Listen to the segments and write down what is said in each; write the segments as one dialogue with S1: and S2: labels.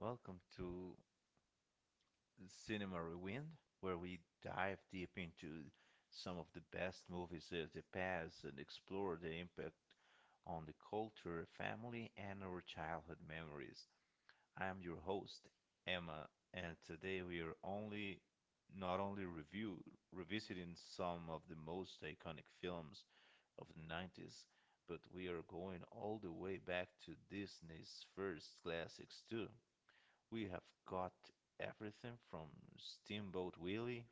S1: Welcome to Cinema Rewind, where we dive deep into some of the best movies of the past and explore the impact on the culture, family, and our childhood memories. I am your host, Emma, and today we are only not only review revisiting some of the most iconic films of the 90s, but we are going all the way back to Disney's first classics too. We have got everything from Steamboat Willie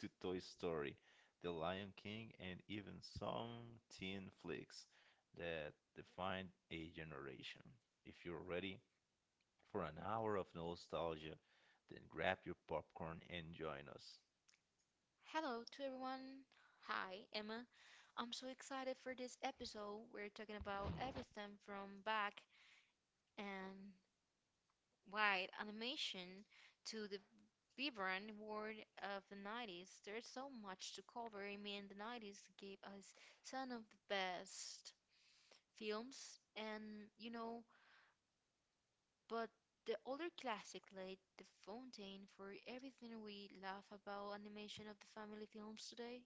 S1: to Toy Story, The Lion King, and even some teen flicks that defined a generation. If you're ready for an hour of nostalgia, then grab your popcorn and join us.
S2: Hello to everyone. Hi, Emma. I'm so excited for this episode. We're talking about everything from black and white animation to the vibrant world of the 90s. There's so much to cover. I mean, the 90s gave us some of the best films, and but the older classic laid the fountain for everything we love about animation of the family films today.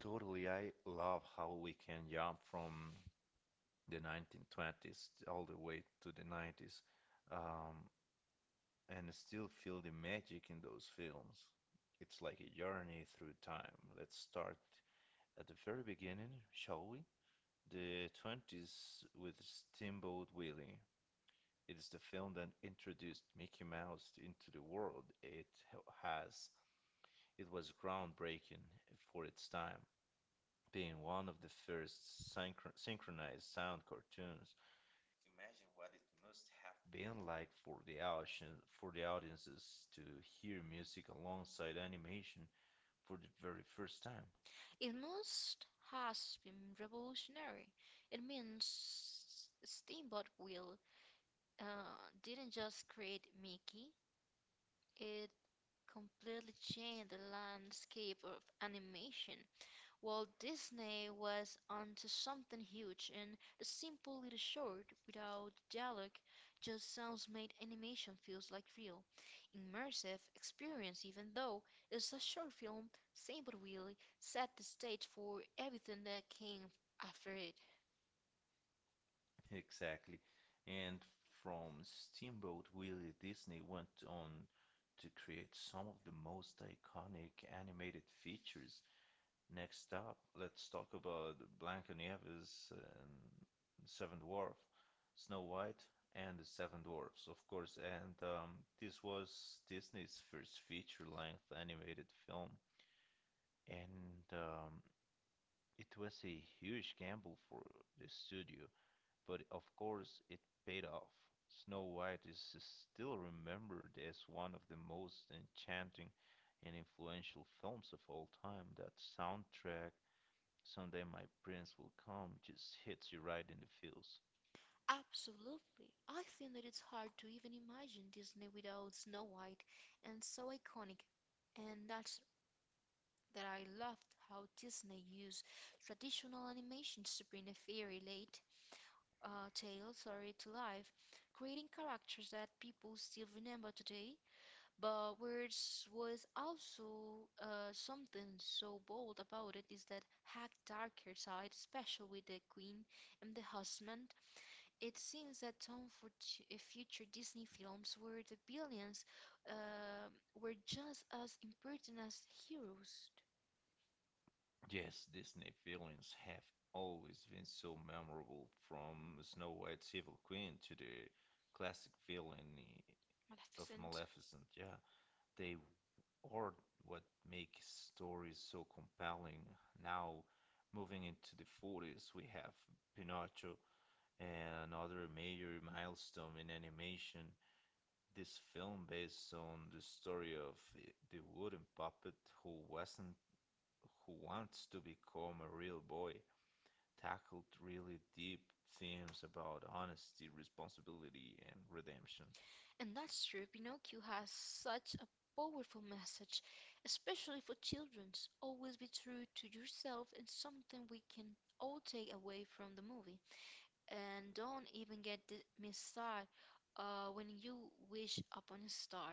S1: Totally, I love how we can jump from the 1920s all the way to the 90s. Um, and still feel the magic in those films. It's like a journey through time. Let's start at the very beginning, shall we? The 20s with Steamboat Willie. It is the film that introduced Mickey Mouse into the world has. It was groundbreaking for its time, being one of the first synchronized sound cartoons. Imagine being like for the audiences to hear music alongside animation for the very first time.
S2: It must has been revolutionary. It means Steamboat Will uh, didn't just create Mickey. It completely changed the landscape of animation. Walt Disney was onto something huge, and the simple little short, without dialogue, just sounds made animation feels like real, immersive experience, even though it's a short film, Simple Will set the stage for everything that came after it.
S1: Exactly. And from Steamboat Willie, Disney went on to create some of the most iconic animated features. Next up, let's talk about Blancanieves and Seven Dwarf, Snow White and the Seven Dwarfs, of course. And this was Disney's first feature-length animated film, and it was a huge gamble for the studio, but of course it paid off. Snow White is still remembered as one of the most enchanting and influential films of all time. That soundtrack, Someday My Prince Will Come, just hits you right in the feels.
S2: Absolutely. I think that it's hard to even imagine Disney without Snow White, and so iconic. And that I loved how Disney used traditional animations to bring a fairy late tale, sorry, to life, creating characters that people still remember today. But words was also something so bold about it is that hack darker side, especially with the queen and the husband. It seems that tone for future Disney films where the billions um were just as important as heroes.
S1: Yes, Disney villains have always been so memorable, from Snow White's Evil Queen to the classic villain
S2: Of
S1: of
S2: Maleficent.
S1: Maleficent. Yeah, they are what make stories so compelling. Now, moving into the 40s, we have Pinocchio, another major milestone in animation. This film, based on the story of the wooden puppet who wasn't who wants to become a real boy, tackled really deep themes about honesty, responsibility, and redemption.
S2: And that's true, Pinocchio has such a powerful message, especially for children's. Always be true to yourself is something we can all take away from the movie. And don't even get the misstart when you wish upon a star.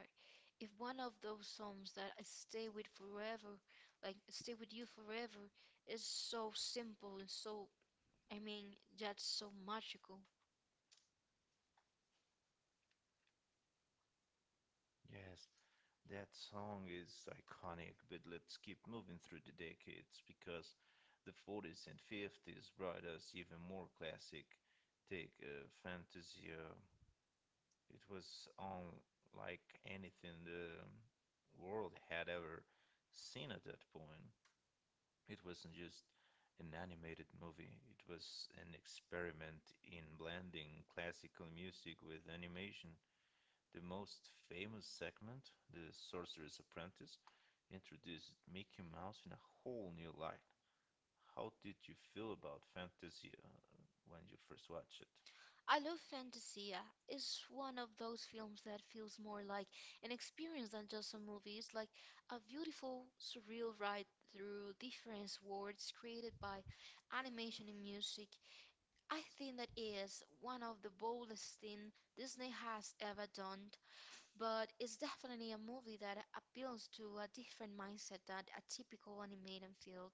S2: If one of those songs that I stay with forever, like stay with you forever, is so simple and so, I mean, that's so magical.
S1: Yes, that song is iconic, but let's keep moving through the decades because the 40s and 50s brought us even more classic take Fantasia. It was on like anything the world had ever seen at that point. It wasn't just an animated movie, it was an experiment in blending classical music with animation. The most famous segment, The Sorcerer's Apprentice, introduced Mickey Mouse in a whole new light. How did you feel about Fantasia when you first watched it?
S2: I love Fantasia. It's one of those films that feels more like an experience than just a movie. It's like a beautiful, surreal ride through different worlds created by animation and music. I think that is one of the boldest things Disney has ever done, but it's definitely a movie that appeals to a different mindset than a typical animated field.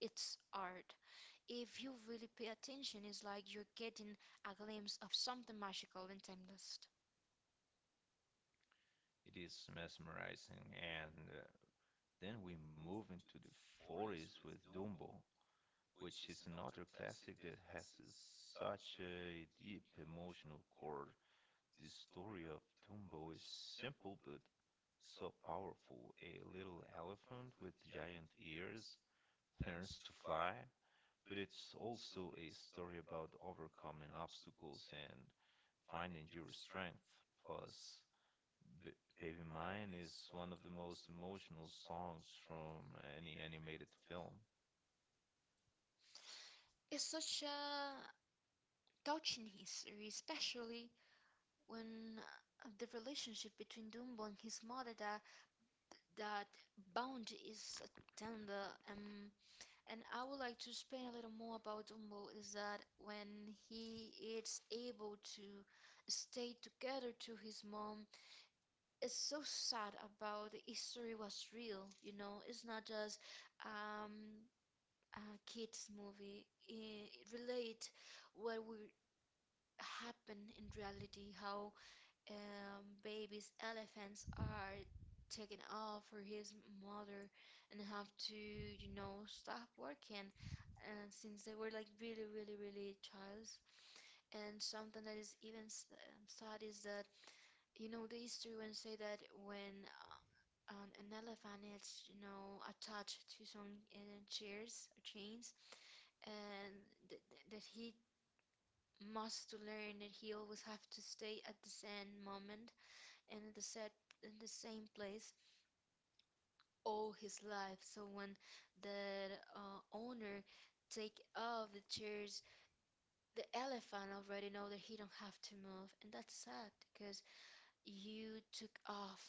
S2: It's art if you really pay attention. It's like you're getting a glimpse of something magical and timeless.
S1: It is mesmerizing. And then we move into the 40s with Dumbo, which is another classic that has such a deep emotional core. The story of Dumbo is simple but so powerful. A little elephant with giant ears learns to fly, but it's also a story about overcoming obstacles and finding your strength. Plus, B- Baby Mine is one of the most emotional songs from any animated film.
S2: It's such a touching history, especially when the relationship between Dumbo and his mother, that bound is tender. And I would like to explain a little more about Dumbo is that when he is able to stay together to his mom is so sad about the history was real, it's not just um a kids movie. It relate what would happen in reality, how babies elephants are taken off for his mother, and have to stop working, and since they were like really really really childs, and something that is even sad is that, the history when say that, when and an elephant is, attached to some chairs or chains, and that he must to learn that he always have to stay at the same moment, and at the set in the same place all his life. So when the owner take off the chairs, the elephant already know that he don't have to move, and that's sad because you took off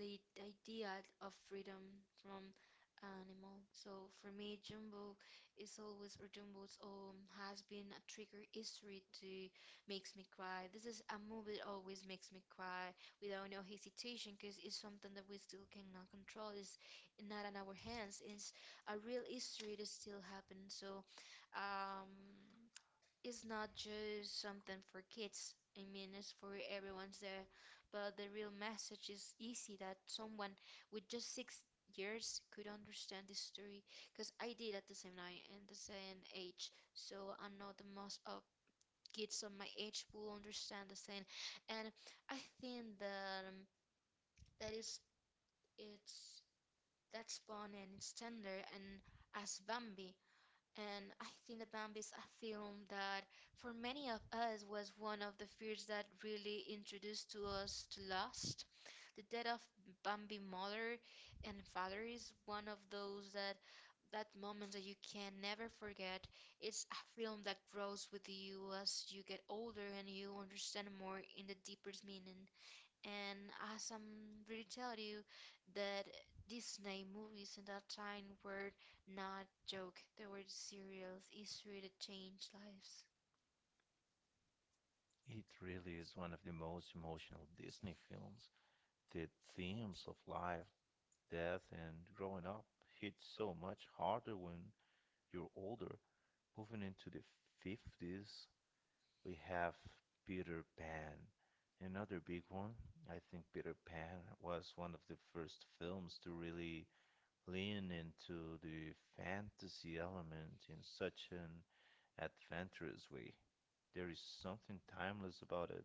S2: the idea of freedom from animal. So for me, Jumbo is always, or Jumbo's, has been a trigger history to makes me cry. This is a movie that always makes me cry without no hesitation, because it's something that we still cannot control. It's not in our hands. It's a real history that still happens. So um, it's not just something for kids. I mean, it's for everyone's there. But the real message is easy that someone with just 6 years could understand this story. Because I did at the same night and the same age. So I know the most of kids of my age will understand the same. And I think that that is it's that's fun and it's tender. And as Bambi, and I think the Bambi is a film that, for many of us, was one of the fears that really introduced to us to loss. The death of Bambi mother and father is one of those that moment that you can never forget. It's a film that grows with you as you get older and you understand more in the deeper meaning. And as I'm really telling you that Disney movies in that time were not joke, they were serious history that changed lives.
S1: It really is one of the most emotional Disney films. The themes of life, death, and growing up hit so much harder when you're older. Moving into the 50s, we have Peter Pan. Another big one. I think Peter Pan was one of the first films to really lean into the fantasy element in such an adventurous way. There is something timeless about it,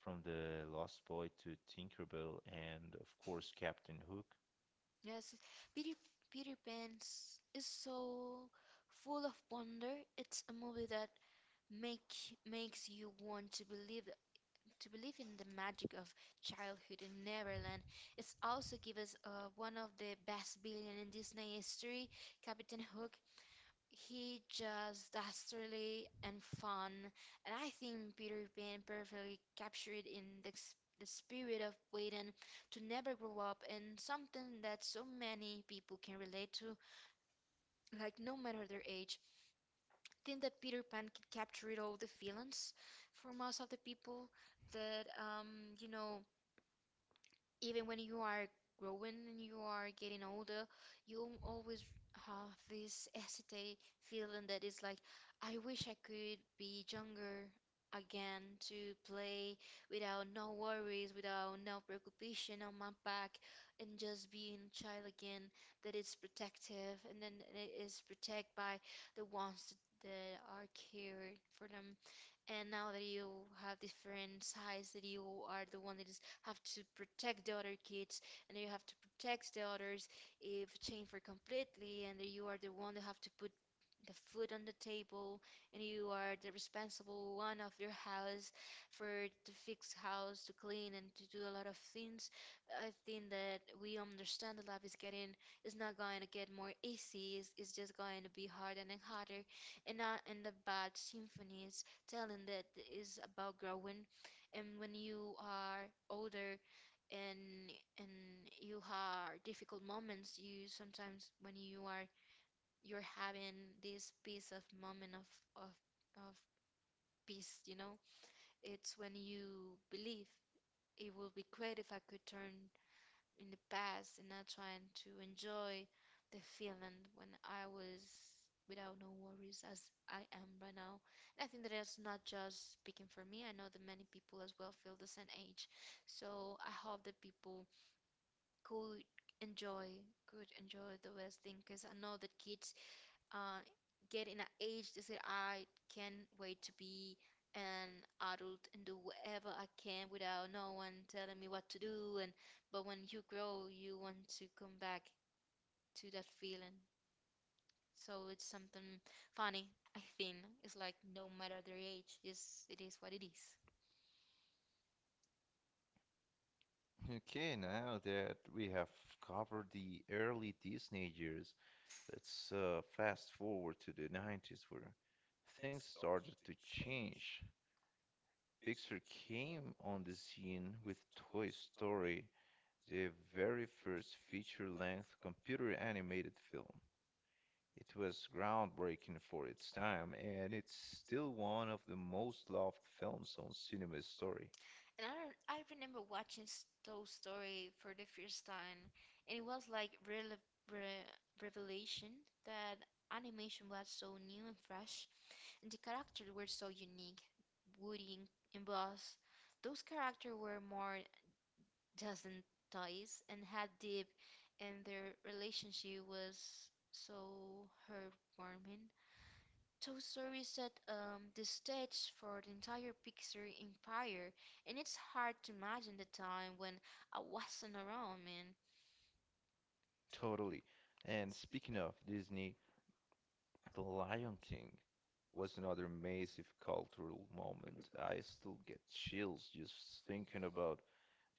S1: from the Lost Boy to Tinkerbell and, of course, Captain Hook.
S2: Yes, Peter Peter Pan is so full of wonder. It's a movie that make makes you want to believe in the magic of childhood in Neverland. It's also give us one of the best villain in Disney history, Captain Hook. He just dastardly and fun, and I think Peter Pan perfectly captured in the spirit of waiting to never grow up, and something that so many people can relate to, like no matter their age. I think that Peter Pan could captured all the feelings for most of the people that you know even when you are growing and you are getting older, you always have this hesitate feeling that it's like, I wish I could be younger again to play without no worries, without no preoccupation on my back, and just being a child again that is protective, and then it is protected by the ones that are cared for them. And now that you have different sides, that you are the one that is have to protect the other kids, and you have to protect the others if changed for completely, and you are the one that have to put the food on the table, and you are the responsible one of your house for to fix house to clean and to do a lot of things. I think that we understand that life is getting, is not going to get more easy. It's just going to be harder and harder, and not in the bad symphonies, telling that is about growing. And when you are older, and and you have difficult moments, you sometimes when you're having this piece of moment of of peace, it's when you believe it will be great if I could turn in the past, and not trying to enjoy the feeling when I was without no worries as I am right now. I think that it's not just speaking for me. I know that many people as well feel the same age. So I hope that people could enjoy, the best thing, because I know that kids uh, get in an age to say, I can't wait to be an adult and do whatever I can without no one telling me what to do, and but when you grow you want to come back to that feeling. So it's something funny, I think. It's like no matter their age, is it is what it is.
S1: Okay, now that we have covered the early Disney years, let's fast forward to the 90s where things started to change. Pixar came on the scene with Toy Story, the very first feature-length computer-animated film. It was groundbreaking for its time, and it's still one of the most loved films on cinema history.
S2: And I don't, I remember watching Toy Story for the first time, and it was like real re- revelation that animation was so new and fresh. The characters were so unique. Woody and Buzz, those characters were more dozen toys and had deep, and their relationship was so heartwarming. Toy Story set the stage for the entire Pixar empire, and it's hard to imagine the time when I wasn't around, man.
S1: Totally. And speaking of Disney, The Lion King was another massive cultural moment. I still get chills just thinking about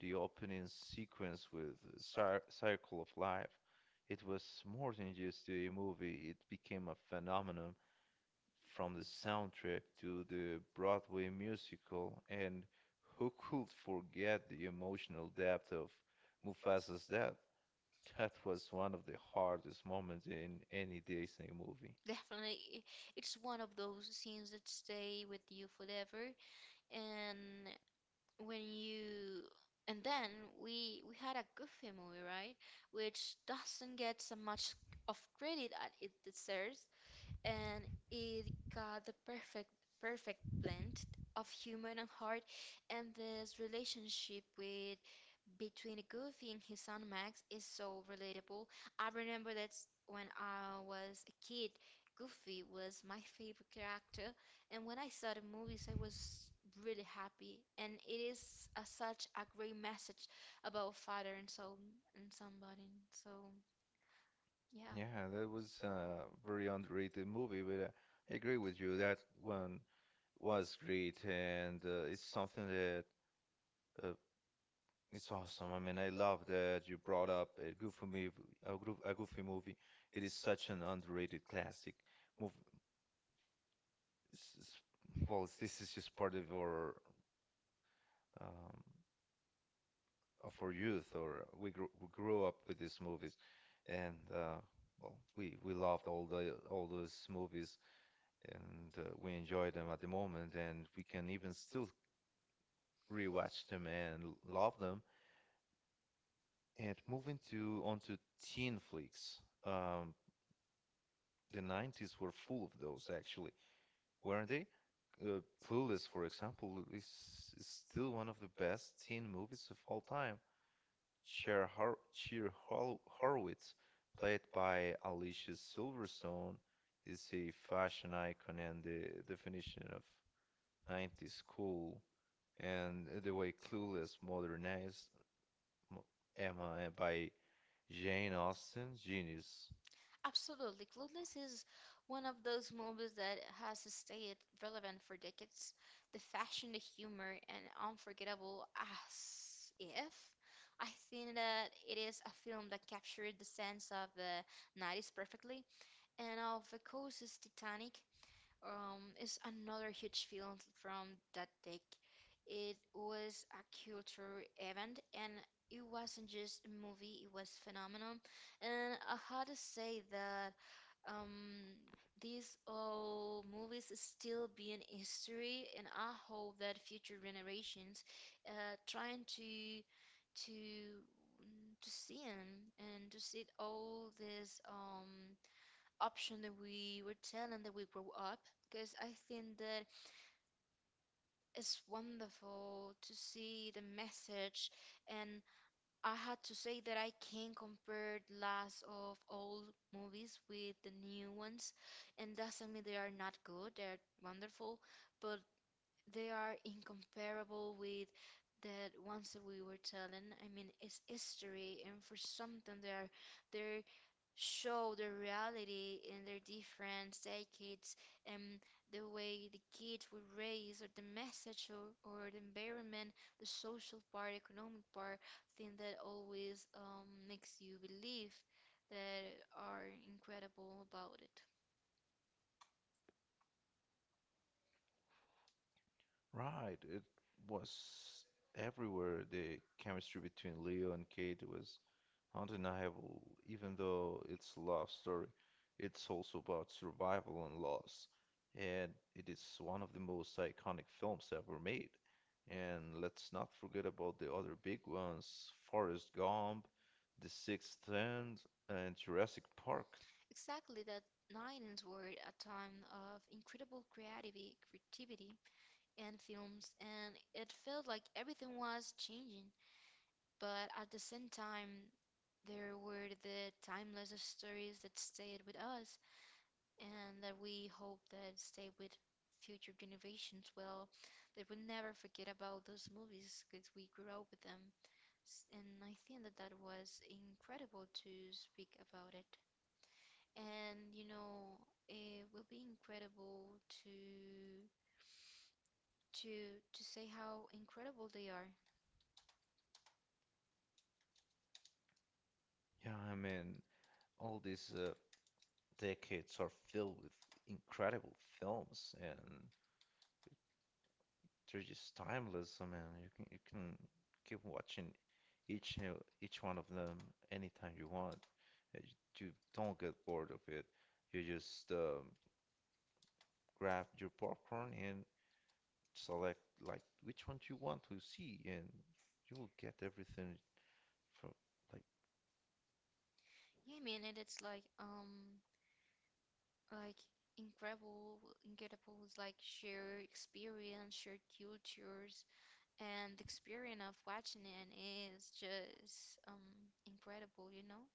S1: the opening sequence with Circle of Life. It was more than just a movie, it became a phenomenon, from the soundtrack to the Broadway musical. And who could forget the emotional depth of Mufasa's death? That was one of the hardest moments in any Disney movie.
S2: Definitely, it's one of those scenes that stay with you forever, and when you and then we had a goofy movie, right, which doesn't get so much of credit as it deserves. And it got the perfect blend of humor and heart, and this relationship with between Goofy and his son Max is so relatable. I remember when I was a kid, Goofy was my favorite character, and when I saw the movies, I was really happy. And it is such a great message about father and so, and somebody. So, yeah.
S1: Yeah, that was a very underrated movie, but I agree with you. That one was great, and it's something that uh, it's awesome. I mean, I love that you brought up a Goofy movie. It is such an underrated classic. Move, It's just, well, this is just part of um, our youth. We grew up with these movies, and well, we loved all those movies, and we enjoy them at the moment, and we can even still rewatch them and love them. And moving to onto teen flicks, the 90s were full of those actually, weren't they? Uh, Clueless, for example, is still one of the best teen movies of all time. Horwitz, played by Alicia Silverstone, is a fashion icon and the definition of 90s cool. And the way Clueless modernized mo- Emma, by Jane Austen, genius.
S2: Absolutely. Clueless is one of those movies that has stayed relevant for decades. The fashion, the humor, and unforgettable as if. I think that it is a film that captured the sense of the 90s perfectly. And of course, is Titanic, is another huge film from that decade. It was a cultural event, and it wasn't just a movie, it was phenomenal. And I had to say that um these old movies still be in history, and I hope that future generations trying to to to see them, and to see all this option that we were telling that we grow up, because I think that it's wonderful to see the message. And I had to say that I can compare the last of old movies with the new ones, and doesn't mean they are not good, they're wonderful, but they are incomparable with the ones that we were telling. I mean, it's history, and for something they are, they're show the reality in their different decades and the way the kids were raised or the message or the environment, the social part, economic part, thing that always makes you believe that are incredible about it.
S1: Right, it was everywhere. The chemistry between Leo and Kate was undeniable. Even though it's a love story, it's also about survival and loss. And it is one of the most iconic films ever made. And let's not forget about the other big ones, Forrest Gump, The Sixth Sense, and Jurassic Park.
S2: Exactly that, 90s were a time of incredible creativity and films, and it felt like everything was changing, but at the same time there were the timeless stories that stayed with us and that we hope that stay with future generations. Well, they will never forget about those movies because we grew up with them. And I think that that was incredible to speak about it. And you know, it will be incredible to say how incredible they are.
S1: Yeah, I mean, all these decades are filled with incredible films, and they're just timeless. I mean, you can keep watching each uh, each one of them anytime you want. You don't get bored of it. You just grab your popcorn and select like which ones you want to see, and you will get everything from like
S2: Yeah, I mean, and it's like like incredible incredible like shared experience, shared cultures, and the experience of watching it is just incredible, you know.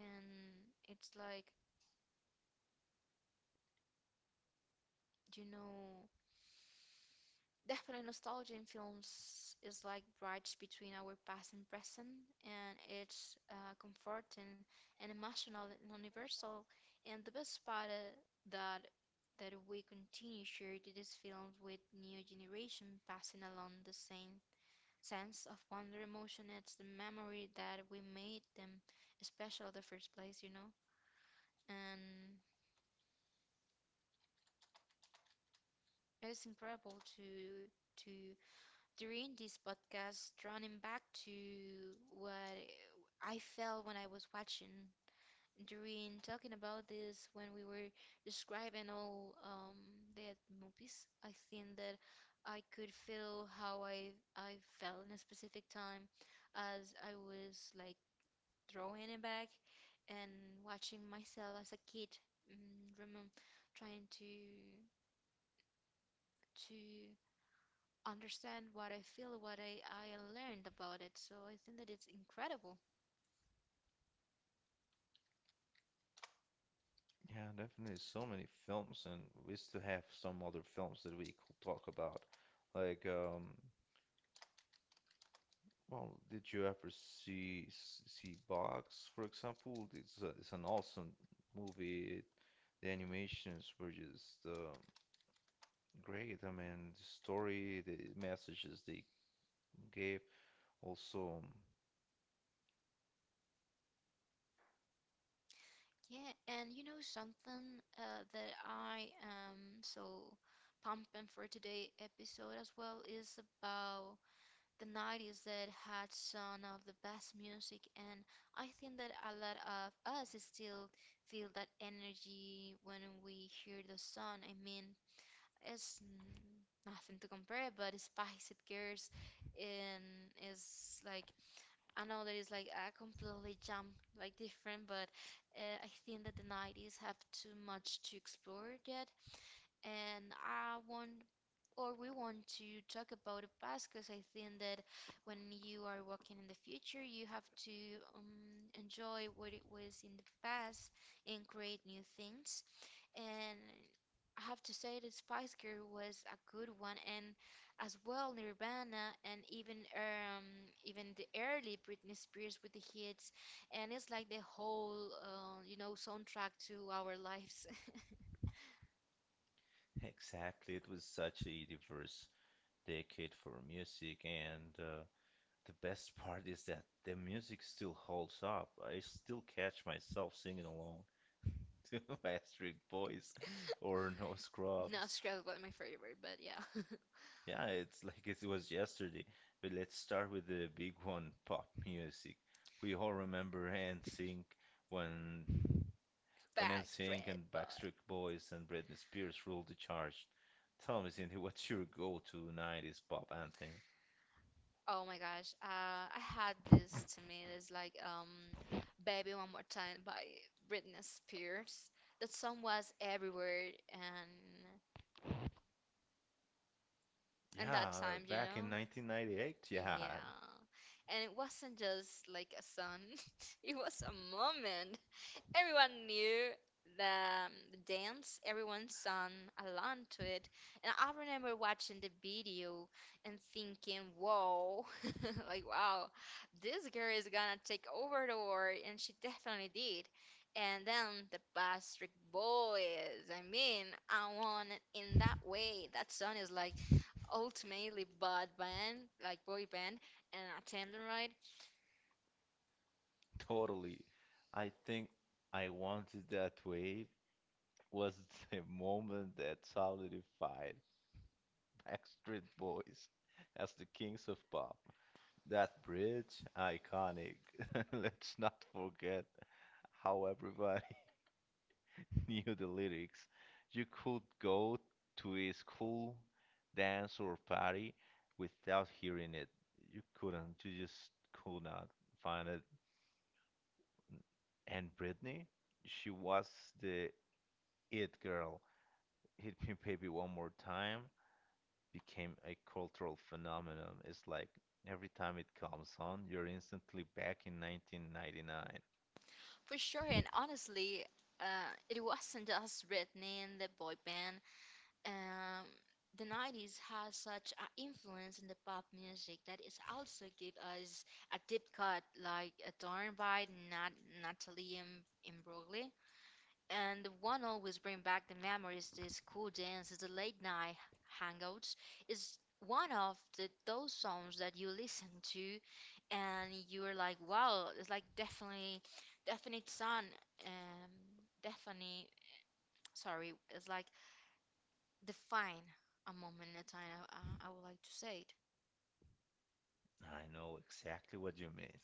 S2: And it's like, you know, definitely, nostalgia in films is like bridge between our past and present, and it's comforting and emotional and universal. And the best part, that that we continue sharing these films with new generation, passing along the same sense of wonder, emotion. It's the memory that we made them special in the first place, you know. And it's incredible to during this podcast, running back to what I felt when I was watching, during talking about this when we were describing all the movies. I think that I could feel how I felt in a specific time, as I was like throwing it back and watching myself as a kid, remember trying to understand what I feel, what I learned about it. So I think that it's incredible.
S1: yeah, definitely so many films, and we still have some other films that we could talk about. Like well, did you ever see Box, for example? It's a, it's an awesome movie. It, the animations were just great. I mean, the story, the messages they gave, also,
S2: Yeah, and you know something, that I am so pumping for today episode as well is about the 90s that had some of the best music, and I think that a lot of us still feel that energy when we hear the song. I mean, it's nothing to compare, but Spice It Girls, and is like, I know that it's like a completely jump, like different, but I think that the 90s have too much to explore yet. And I want, or we want to talk about the past, because I think that when you are walking in the future, you have to enjoy what it was in the past and create new things. And I have to say that Spice Girl was a good one, and as well Nirvana, and even the early Britney Spears with the hits, and it's like the whole you know, soundtrack to our lives.
S1: exactly. It was such a diverse decade for music, and the best part is that the music still holds up. I still catch myself singing along to Backstreet Boys or No Scrubs.
S2: Not Scrubs was my favorite, but yeah, Lip
S1: Yeah, it's like it was yesterday. But let's start with the big one, pop music. We all remember and NSYNC. When When NSYNC
S2: Backstreet
S1: and Backstreet
S2: Boy.
S1: Boys and Britney Spears ruled the charge, tell me, Cindy, what's your go-to 90s pop anthem?
S2: Oh my gosh, I had this to me. It's like, "Baby One More Time" by Britney Spears. That song was everywhere, and that
S1: Yeah,
S2: time, you
S1: back in 1998,
S2: know,
S1: yeah,
S2: yeah. And it wasn't just like a song; it was a moment. Everyone knew the dance, everyone sung along to it. And I remember watching the video and thinking, whoa, like, wow, this girl is gonna take over the world. And she definitely did. And then the Bastard Boys, I mean, I want it in that way. That song is like ultimately bad band, like boy band, and I attendant right.
S1: totally. I think I Wanted That Way was the moment that solidified Backstreet Boys as the kings of pop. That bridge, iconic. Let's not forget how everybody knew the lyrics. You could go to a school dance or party without hearing it. You couldn't. You just could not find it. And Britney, she was the it girl. Hit Me Baby One More Time became a cultural phenomenon. It's like every time it comes on, you're instantly back in 1999.
S2: For sure, and honestly, it wasn't just Britney and the boy band. Um, the 90s has such an influence in the pop music, that it also gave us a deep cut like Adorned by Natalie Imbrogli, and one always bring back the memories, the school dances, the late night hangouts. Is one of the those songs that you listen to, and you're like, wow, it's like definitely definite sun, um definitely, sorry, it's like define a moment in time, I would like to say it.
S1: I know exactly what you mean.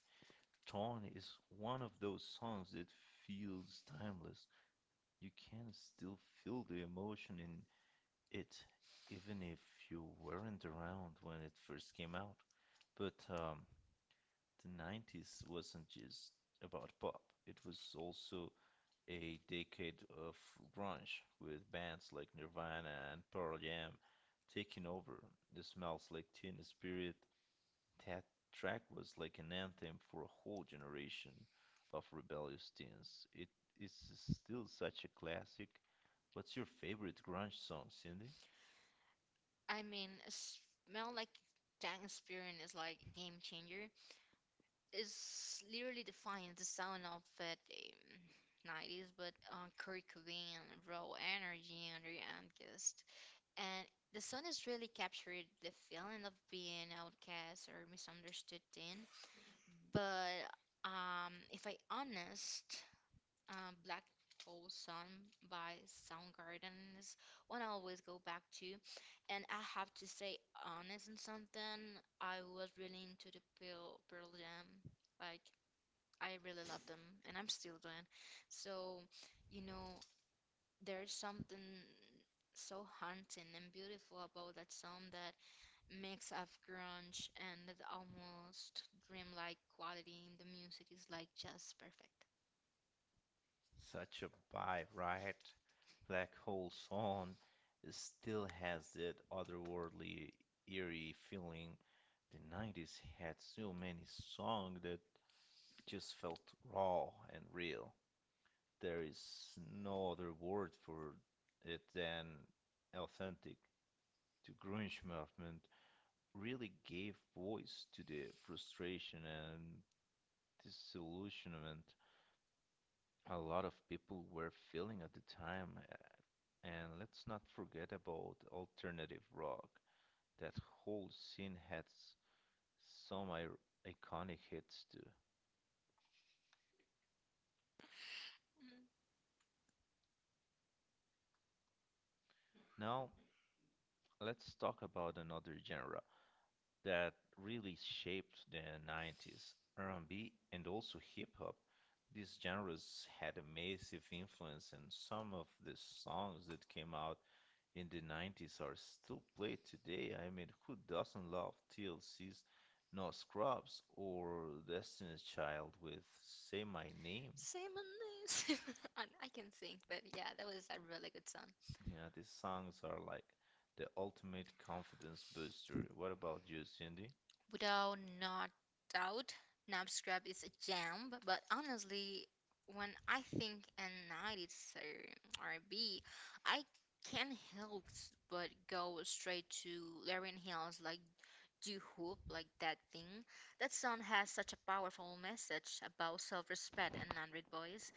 S1: Torn is one of those songs that feels timeless. You can still feel the emotion in it, even if you weren't around when it first came out. But the 90s wasn't just about pop, it was also a decade of grunge, with bands like Nirvana and Pearl Jam taking over. It Smells Like Teen Spirit, that track was like an anthem for a whole generation of rebellious teens. It is still such a classic. What's your favorite grunge song, Cindy?
S2: I mean, a smell like that experience is like game changer, is literally defined the sound of the 90s, but Kurt raw energy and the angst. And the song is really captured the feeling of being outcast or misunderstood teen. But if I honest, Black Hole Sun by Soundgarden is one I always go back to. And I have to say, honest in something, I was really into the Pearl Jam, like I really love them, and I'm still doing. So, you know, there's something so haunting and beautiful about that song, that mix of grunge and that almost dreamlike quality in the music, is like just perfect.
S1: Such a vibe, right? Black Hole Sun still has that otherworldly, eerie feeling. The 90s had so many songs that just felt raw and real. There is no other word for it than authentic. To grunge movement really gave voice to the frustration and disillusionment a lot of people were feeling at the time. And let's not forget about alternative rock. That whole scene had some iconic hits too.
S2: Mm.
S1: Now, let's talk about another genre that really shaped the 90s, R&B and B, and also hip-hop. These genres had a massive influence, and some of the songs that came out in the 90s are still played today. I mean, who doesn't love TLC's No Scrubs or Destiny's Child with Say My Name?
S2: Same on this. I can sing, but yeah, that was a really good song.
S1: Yeah, these songs are like the ultimate confidence booster. What about you, Cindy?
S2: Without not doubt, Knapscrap is a jam, but honestly, when I think and night, it's RB, I can't help but go straight to Larian Hill's, like do hope, like that thing. That song has such a powerful message about self-respect and unread boys,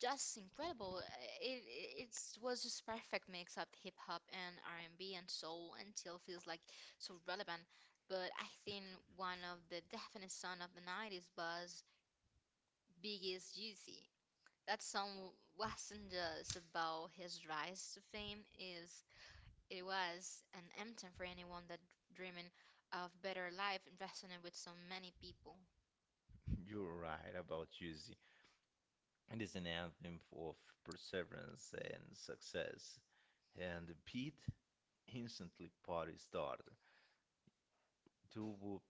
S2: just incredible. It it was just perfect mix of hip hop and r&b and B and soul, until feels like so relevant. But I think one of the definite song of the 90s was Biggie's Juicy. That song wasn't just about his rise to fame, is it was an anthem for anyone that dreaming of better life, and resonated with so many people.
S1: You're right about Juicy. It is an anthem of perseverance and success. And Pete, instantly party starter. To Whoop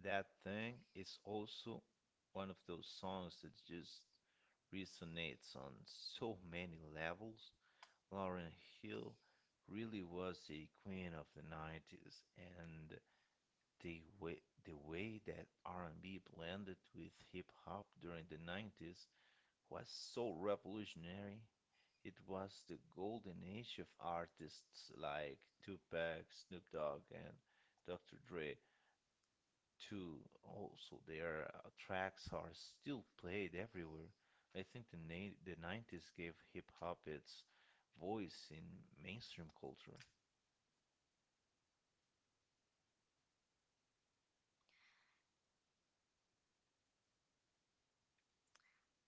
S1: That Thing is also one of those songs that just resonates on so many levels. Lauren Hill really was a queen of the 90s. And the way, the way that R&B blended with hip hop during the 90s was so revolutionary. It was the golden age of artists like Tupac, Snoop Dogg, and Dr. Dre. Too, also, their tracks are still played everywhere. I think the 90s gave hip hop its voice in mainstream culture.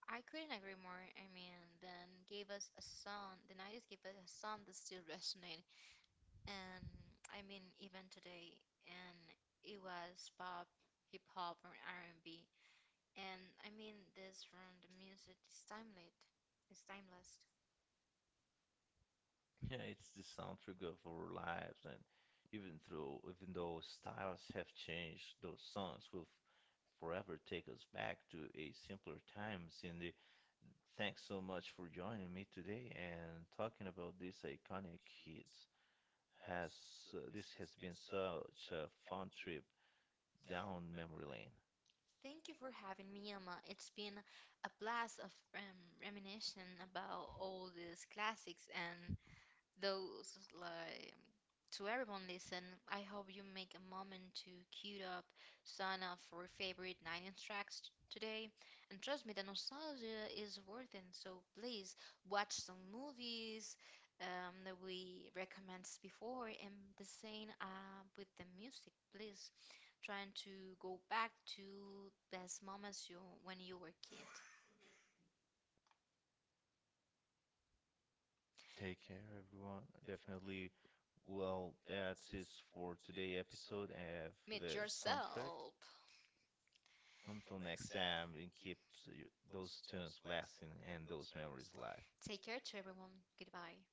S2: I couldn't agree more. I mean, then gave us a song. The 90s gave us a song that still resonates, and I mean, even today. And it was pop, hip hop, or R&B. And B. And I mean, this from the music is timeless. It's timeless.
S1: Yeah, it's the soundtrack of our lives, and even though styles have changed, those songs will forever take us back to a simpler times in the Thanks so much for joining me today and talking about these iconic hits. Has This has been such a fun trip down memory lane.
S2: Thank you for having me, Emma. It's been a blast of reminiscing about all these classics, and those like, to everyone listen, I hope you make a moment to queue up some of your favorite 90s tracks, today, and trust me, the nostalgia is worth it. So please watch some movies that we recommended before, and the same with the music. Please trying to go back to best moments you when you were kid.
S1: Take care, everyone. Definitely. Well, that's it for today episode of
S2: Meet
S1: the soundtrack.
S2: yourself.
S1: Until next time, and keep those tunes blasting and those memories alive.
S2: Take care to everyone. Goodbye.